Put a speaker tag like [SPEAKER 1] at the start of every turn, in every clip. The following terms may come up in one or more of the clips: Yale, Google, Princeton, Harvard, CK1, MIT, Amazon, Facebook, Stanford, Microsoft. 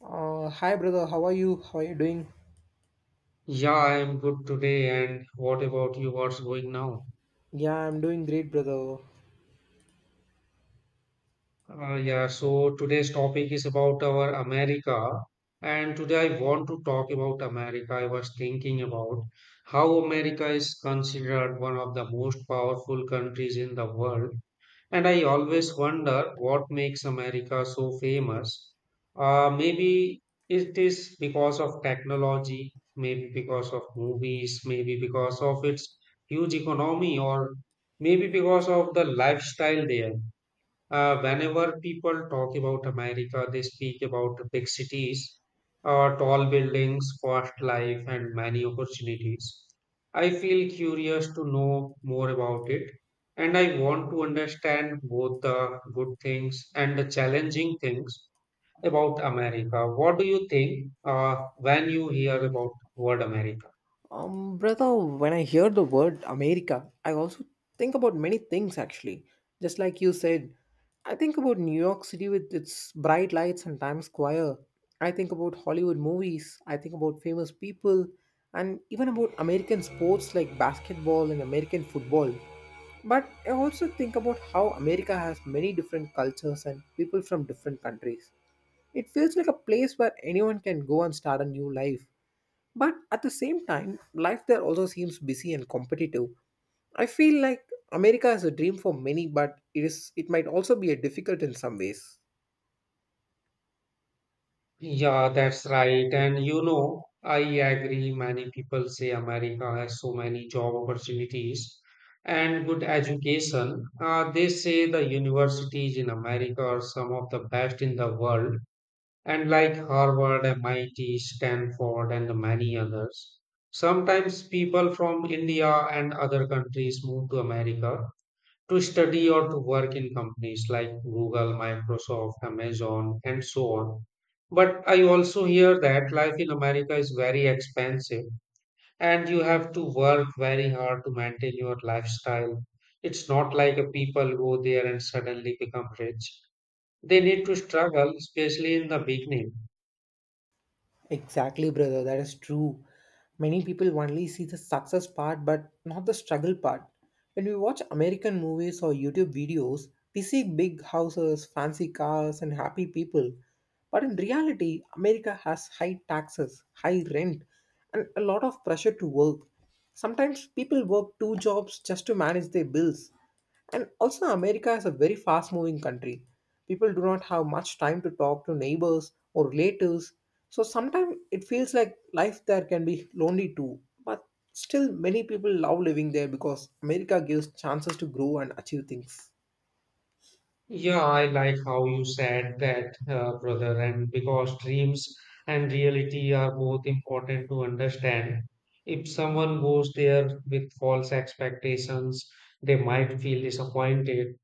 [SPEAKER 1] Hi brother, how are you? How are you doing?
[SPEAKER 2] Yeah, I'm good today. And what about you? What's going now?
[SPEAKER 1] Yeah, I'm doing great, brother.
[SPEAKER 2] Yeah, so today's topic is about our America. And today I want to talk about America. I was thinking about how America is considered one of the most powerful countries in the world. And I always wonder what makes America so famous. Maybe it is because of technology, maybe because of movies, maybe because of its huge economy, or maybe because of the lifestyle there. Whenever people talk about America, they speak about big cities, tall buildings, fast life, and many opportunities. I feel curious to know more about it, and I want to understand both the good things and the challenging things about America. What do you think when you hear about word America?
[SPEAKER 1] Brother, when I hear the word America, I also think about many things actually. Just like you said, I think about New York City with its bright lights and Times Square. I think about Hollywood movies. I think about famous people and even about American sports like basketball and American football. But I also think about how America has many different cultures and people from different countries. It feels like a place where anyone can go and start a new life. But at the same time, life there also seems busy and competitive. I feel like America is a dream for many, but it might also be a difficult in some ways.
[SPEAKER 2] Yeah, that's right. And you know, I agree. Many people say America has so many job opportunities and good education. They say the universities in America are some of the best in the world, and like Harvard, MIT, Stanford, and many others. Sometimes people from India and other countries move to America to study or to work in companies like Google, Microsoft, Amazon, and so on. But I also hear that life in America is very expensive and you have to work very hard to maintain your lifestyle. It's not like a people go there and suddenly become rich. They need to struggle, especially in the beginning.
[SPEAKER 1] Exactly, brother. That is true. Many people only see the success part but not the struggle part. When we watch American movies or YouTube videos, we see big houses, fancy cars, and happy people. But in reality, America has high taxes, high rent, and a lot of pressure to work. Sometimes people work two jobs just to manage their bills. And also, America is a very fast moving country. People do not have much time to talk to neighbors or relatives. So sometimes it feels like life there can be lonely too. But still, many people love living there because America gives chances to grow and achieve things.
[SPEAKER 2] Yeah, I like how you said that, brother, and because dreams and reality are both important to understand. If someone goes there with false expectations, they might feel disappointed.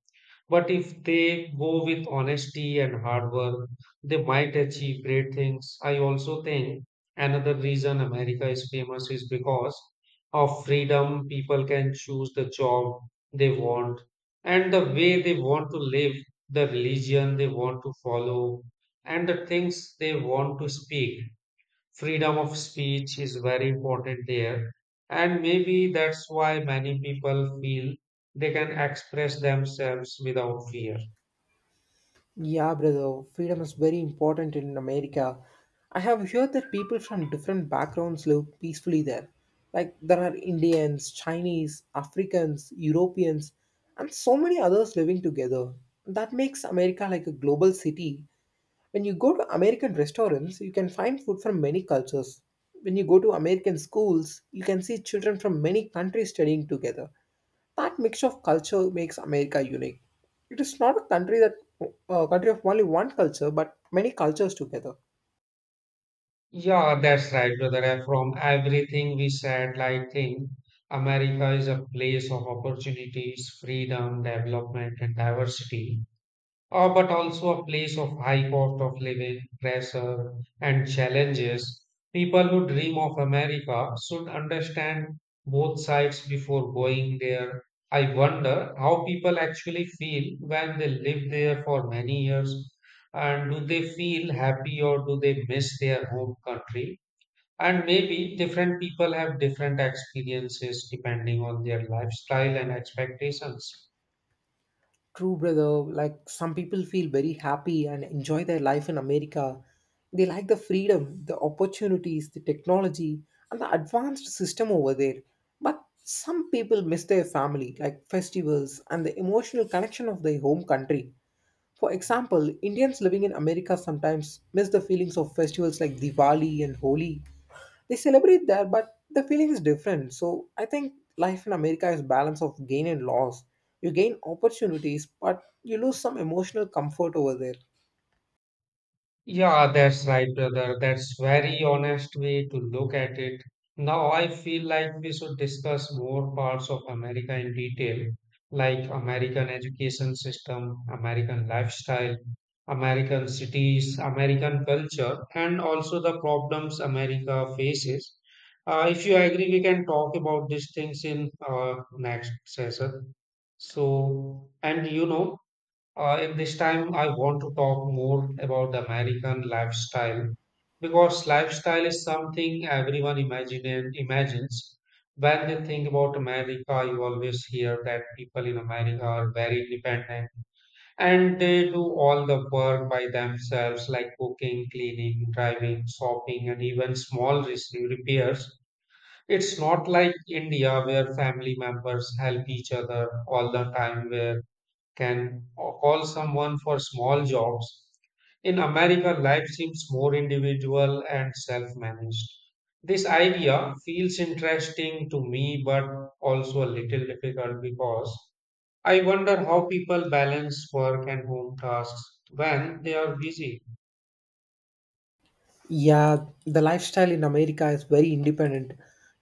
[SPEAKER 2] But if they go with honesty and hard work, they might achieve great things. I also think another reason America is famous is because of freedom. People can choose the job they want and the way they want to live, the religion they want to follow, and the things they want to speak. Freedom of speech is very important there, and maybe that's why many people feel they can express themselves without fear.
[SPEAKER 1] Yeah, brother, freedom is very important in America. I have heard that people from different backgrounds live peacefully there. Like there are Indians, Chinese, Africans, Europeans, and so many others living together. That makes America like a global city. When you go to American restaurants, you can find food from many cultures. When you go to American schools, you can see children from many countries studying together. That mix of culture makes America unique. It is not a country of only one culture, but many cultures together.
[SPEAKER 2] Yeah, that's right, brother. And from everything we said, I think America is a place of opportunities, freedom, development, and diversity. But also a place of high cost of living, pressure, and challenges. People who dream of America should understand both sides before going there. I wonder how people actually feel when they live there for many years. And do they feel happy, or do they miss their home country? And maybe different people have different experiences depending on their lifestyle and expectations.
[SPEAKER 1] True, brother. Like some people feel very happy and enjoy their life in America. They like the freedom, the opportunities, the technology, and the advanced system over there. But some people miss their family, like festivals and the emotional connection of their home country. For example, Indians living in America sometimes miss the feelings of festivals like Diwali and Holi. They celebrate there, but the feeling is different. So I think life in America is balance of gain and loss. You gain opportunities, but you lose some emotional comfort over there.
[SPEAKER 2] Yeah, that's right, brother. That's very honest way to look at it. Now I feel like we should discuss more parts of America in detail, like American education system, American lifestyle, American cities, American culture, and also the problems America faces. If you agree, we can talk about these things in next session. So, and you know, in this time, I want to talk more about the American lifestyle because lifestyle is something everyone imagines. When they think about America, you always hear that people in America are very independent and they do all the work by themselves, like cooking, cleaning, driving, shopping, and even small repairs. It's not like India where family members help each other all the time, where can call someone for small jobs. In America, life seems more individual and self managed. This idea feels interesting to me, but also a little difficult because I wonder how people balance work and home tasks when they are busy.
[SPEAKER 1] Yeah, the lifestyle in America is very independent.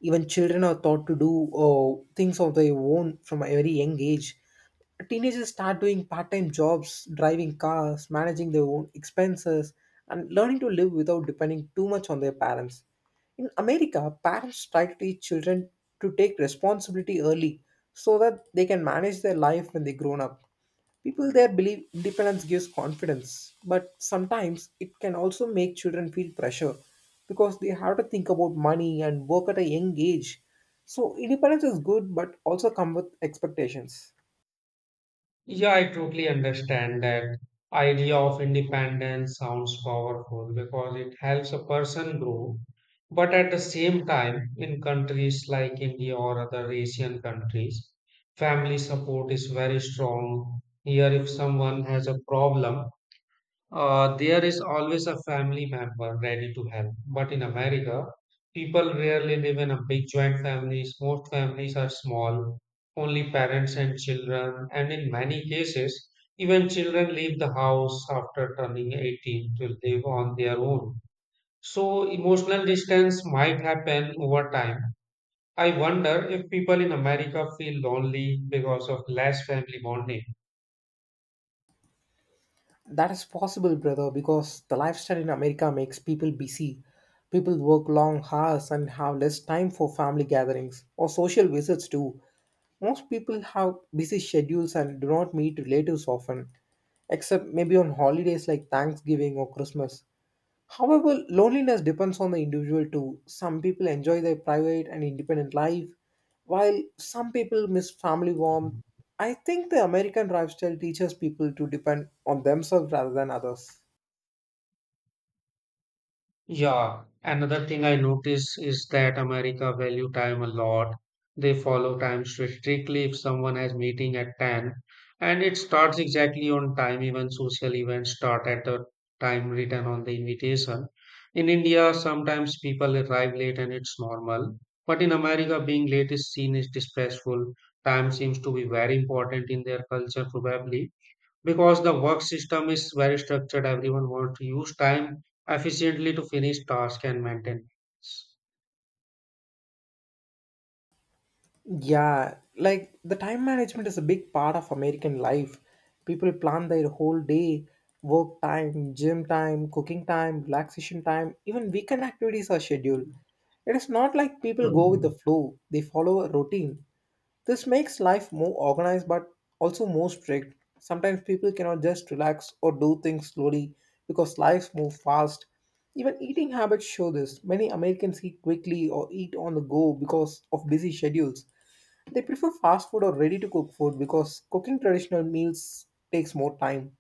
[SPEAKER 1] Even children are taught to do things of their own from a very young age. Teenagers start doing part time jobs, driving cars, managing their own expenses, and learning to live without depending too much on their parents. In America, parents try to teach children to take responsibility early so that they can manage their life when they grown up. People there believe independence gives confidence, but sometimes it can also make children feel pressure because they have to think about money and work at a young age. So, independence is good, but also come with expectations.
[SPEAKER 2] Yeah, I totally understand that idea of independence sounds powerful because it helps a person grow. But at the same time, in countries like India or other Asian countries, family support is very strong. Here, if someone has a problem, there is always a family member ready to help. But in America, people rarely live in a big joint families. Most families are small, only parents and children, and in many cases, even children leave the house after turning 18 to live on their own. So emotional distance might happen over time. I wonder if people in America feel lonely because of less family bonding.
[SPEAKER 1] That is possible, brother, because the lifestyle in America makes people busy. People work long hours and have less time for family gatherings or social visits too. Most people have busy schedules and do not meet relatives often, except maybe on holidays like Thanksgiving or Christmas. However, loneliness depends on the individual too. Some people enjoy their private and independent life, while some people miss family warmth. I think the American lifestyle teaches people to depend on themselves rather than others.
[SPEAKER 2] Yeah, another thing I notice is that America value time a lot. They follow time strictly if someone has meeting at 10 and it starts exactly on time, even social events start at the time written on the invitation. In India sometimes people arrive late and it's normal, but in America being late is seen as disrespectful. Time seems to be very important in their culture, probably because the work system is very structured. Everyone wants to use time efficiently to finish tasks and maintain.
[SPEAKER 1] Yeah, like the time management is a big part of American life. People plan their whole day, work time, gym time, cooking time, relaxation time, even weekend activities are scheduled. It is not like people go with the
[SPEAKER 2] Mhm.
[SPEAKER 1] flow, they follow a routine. This makes life more organized but also more strict. Sometimes people cannot just relax or do things slowly because lives move fast. Even eating habits show this. Many Americans eat quickly or eat on the go because of busy schedules. They prefer fast food or ready to cook food because cooking traditional meals takes more time.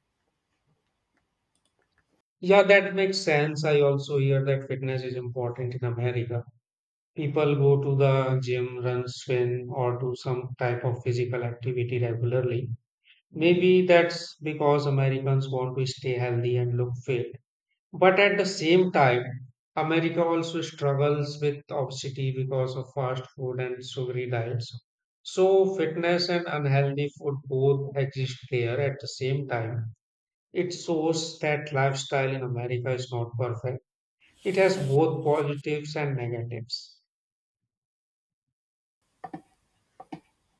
[SPEAKER 2] Yeah, that makes sense. I also hear that fitness is important in America. People go to the gym, run, swim, or do some type of physical activity regularly. Maybe that's because Americans want to stay healthy and look fit. But at the same time, America also struggles with obesity because of fast food and sugary diets. So, fitness and unhealthy food both exist there at the same time. It shows that lifestyle in America is not perfect. It has both positives and negatives.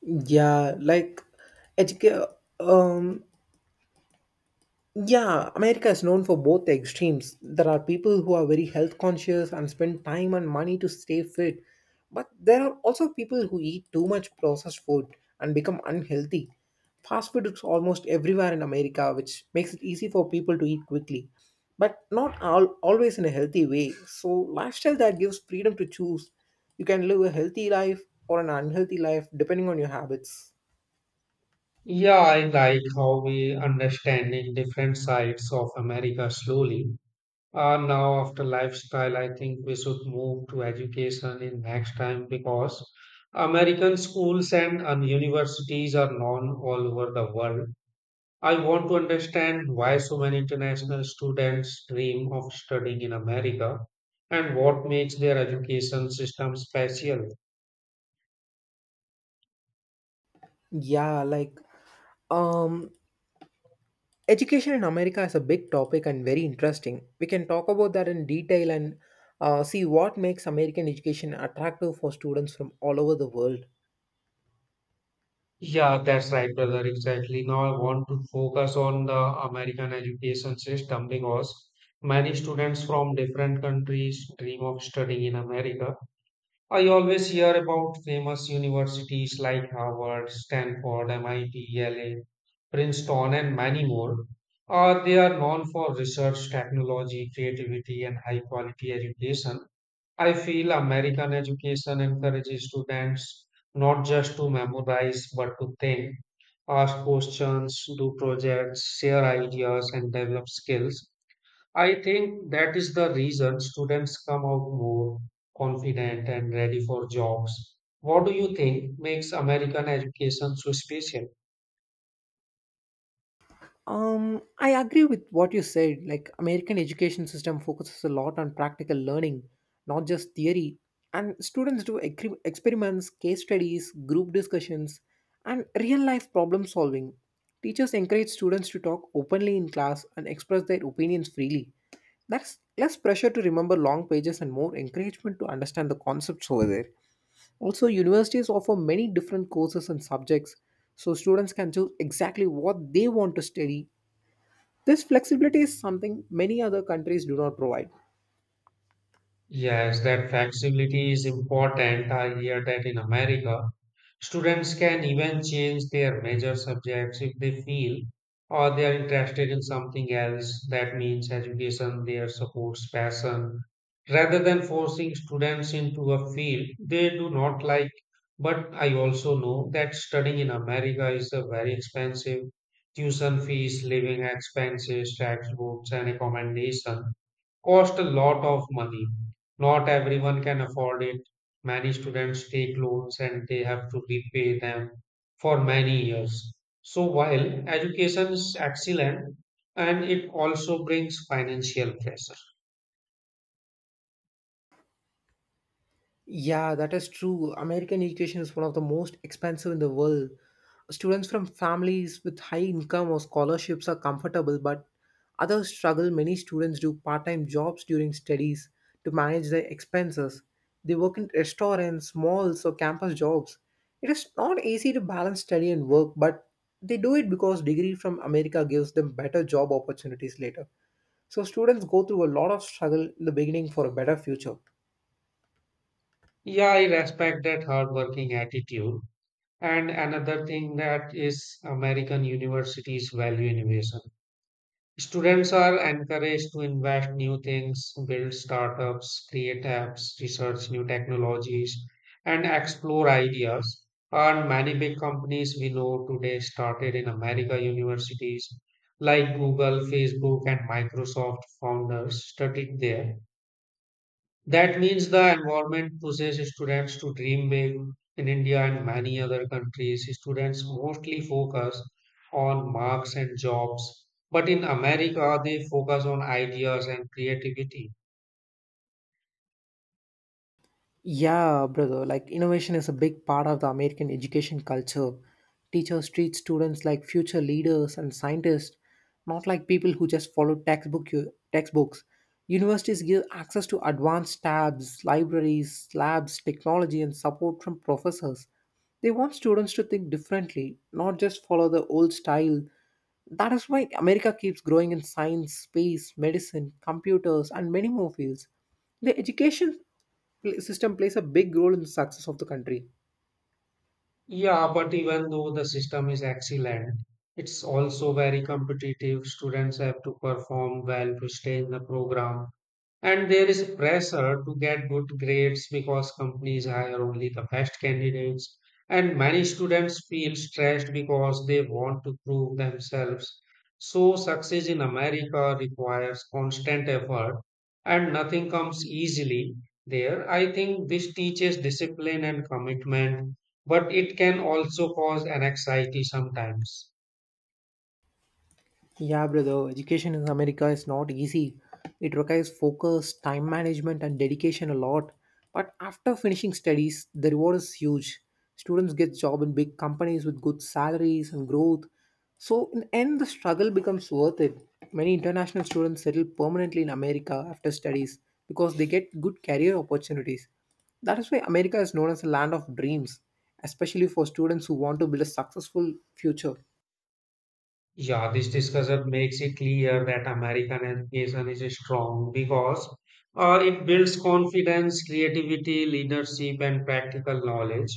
[SPEAKER 1] Yeah, like educate. Um, Yeah, America is known for both the extremes. There are people who are very health conscious and spend time and money to stay fit, but there are also people who eat too much processed food and become unhealthy. Fast food is almost everywhere in America, which makes it easy for people to eat quickly, but not all, always in a healthy way. So, lifestyle that gives freedom to choose. You can live a healthy life or an unhealthy life depending on your habits.
[SPEAKER 2] Yeah, I like how we understanding different sides of America slowly. Now, after lifestyle, I think we should move to education in next time because American schools and universities are known all over the world. I want to understand why so many international students dream of studying in America and what makes their education system special.
[SPEAKER 1] Yeah, like um Education in America is a big topic and very interesting. We can talk about that in detail and see what makes American education attractive for students from all over the world.
[SPEAKER 2] Yeah, that's right, brother. Exactly. Now I want to focus on the American education system because many students from different countries dream of studying in America. I always hear about famous universities like Harvard, Stanford, MIT, Yale, Princeton, and many more. They are known for research, technology, creativity, and high quality education. I feel American education encourages students not just to memorize but to think, ask questions, do projects, share ideas, and develop skills. I think that is the reason students come out more confident and ready for jobs. What do you think makes American education so special?
[SPEAKER 1] I agree with what you said. Like American education system focuses a lot on practical learning, not just theory. And students do experiments, case studies, group discussions, and real life problem solving. Teachers encourage students to talk openly in class and express their opinions freely. That's less pressure to remember long pages and more encouragement to understand the concepts over there. Also, universities offer many different courses and subjects, so students can choose exactly what they want to study. This flexibility is something many other countries do not provide.
[SPEAKER 2] Yes, that flexibility is important. I hear that in America, students can even change their major subjects if they feel or they are interested in something else. That means education there supports passion rather than forcing students into a field they do not like. But I also know that studying in America is a very expensive. Tuition fees, living expenses, textbooks, and accommodation cost a lot of money. Not everyone can afford it. Many students take loans and they have to repay them for many years. So while education is excellent, and it also brings financial pressure.
[SPEAKER 1] Yeah, that is true. American education is one of the most expensive in the world. Students from families with high income or scholarships are comfortable, but others struggle. Many students do part time jobs during studies to manage their expenses. They work in restaurants, malls, or campus jobs. It is not easy to balance study and work, but they do it because degree from America gives them better job opportunities later. So students go through a lot of struggle in the beginning for a better future.
[SPEAKER 2] Yeah, I respect that hardworking attitude. And another thing that is American universities value innovation. Students are encouraged to invest new things, build startups, create apps, research new technologies, and explore ideas. And many big companies we know today started in America universities like Google, Facebook, and Microsoft founders studied there. That means the environment pushes students to dream big. In India and many other countries, students mostly focus on marks and jobs. But in America, they focus on ideas and creativity.
[SPEAKER 1] Yeah, brother. Like innovation is a big part of the American education culture. Teachers treat students like future leaders and scientists, not like people who just follow textbooks. Universities give access to advanced tabs, libraries, labs, technology, and support from professors. They want students to think differently, not just follow the old style. That is why America keeps growing in science, space, medicine, computers, and many more fields. The education system plays a big role in the success of the country.
[SPEAKER 2] Yeah, but even though the system is excellent, it's also very competitive. Students have to perform well to stay in the program. And there is pressure to get good grades because companies hire only the best candidates. And many students feel stressed because they want to prove themselves. So, success in America requires constant effort and nothing comes easily there. I think this teaches discipline and commitment, but it can also cause anxiety sometimes.
[SPEAKER 1] Yeah, brother, education in America is not easy. It requires focus, time management, and dedication a lot. But after finishing studies, the reward is huge. Students get job in big companies with good salaries and growth. So in the end, the struggle becomes worth it. Many international students settle permanently in America after studies because they get good career opportunities. That is why America is known as the land of dreams, especially for students who want to build a successful future.
[SPEAKER 2] Yeah, this discussion makes it clear that American education is strong because it builds confidence, creativity, leadership, and practical knowledge.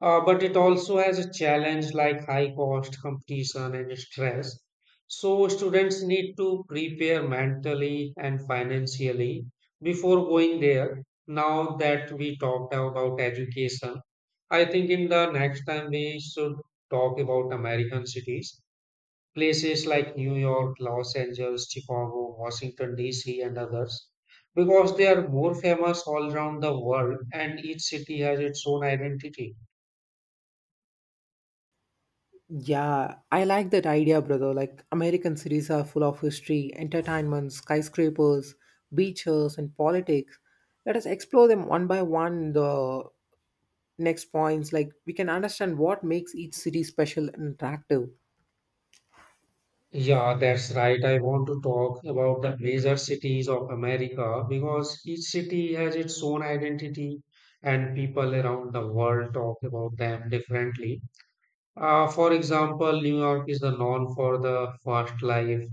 [SPEAKER 2] But it also has a challenge like high cost, competition, and stress. So students need to prepare mentally and financially before going there. Now that we talked about education, I think in the next time we should talk about American cities, places like New York, Los Angeles, Chicago, Washington, D.C., and others, because they are more famous all around the world and each city has its own identity.
[SPEAKER 1] Yeah, I like that idea, brother. Like, American cities are full of history, entertainment, skyscrapers, beaches, and politics. Let us explore them one by one in the next points. Like, we can understand what makes each city special and attractive.
[SPEAKER 2] Yeah, that's right. I want to talk about the major cities of America because each city has its own identity and people around the world talk about them differently. For example, New York is the known for the fast life,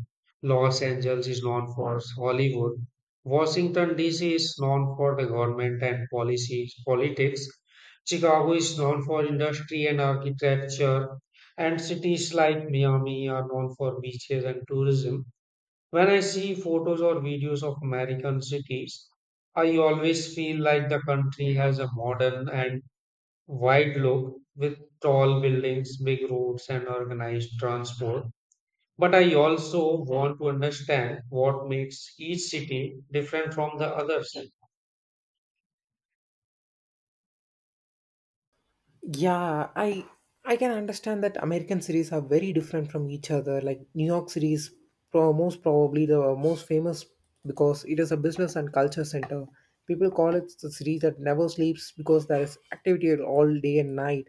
[SPEAKER 2] Los Angeles is known for Hollywood, Washington D.C. is known for the government and policies, politics, Chicago is known for industry and architecture, and cities like Miami are known for beaches and tourism. When I see photos or videos of American cities, I always feel like the country has a modern and wide look with tall buildings, big roads, and organized transport. But I also want to understand what makes each city different from the others.
[SPEAKER 1] Yeah, I can understand that American cities are very different from each other. Like New York City is most probably the most famous because it is a business and culture center. People call it the city that never sleeps because there is activity all day and night.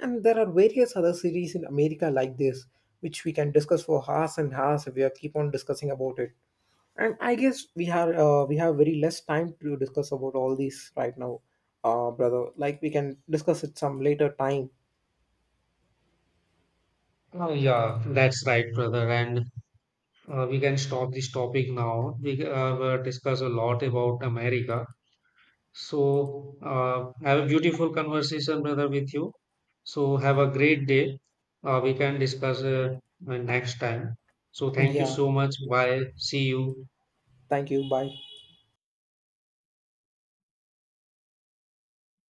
[SPEAKER 1] And there are various other cities in America like this, which we can discuss for hours and hours if we are keep on discussing about it. And I guess we have very less time to discuss about all these right now, uh, brother. Like we can discuss it some later time.
[SPEAKER 2] Oh, yeah, that's right, brother. And we can stop this topic now. We were discuss a lot about America. So, have a beautiful conversation, brother, with you. So, have a great day. We can discuss next time. So, thank you
[SPEAKER 1] Yeah,
[SPEAKER 2] so much. Bye. See you.
[SPEAKER 1] thank you. Bye.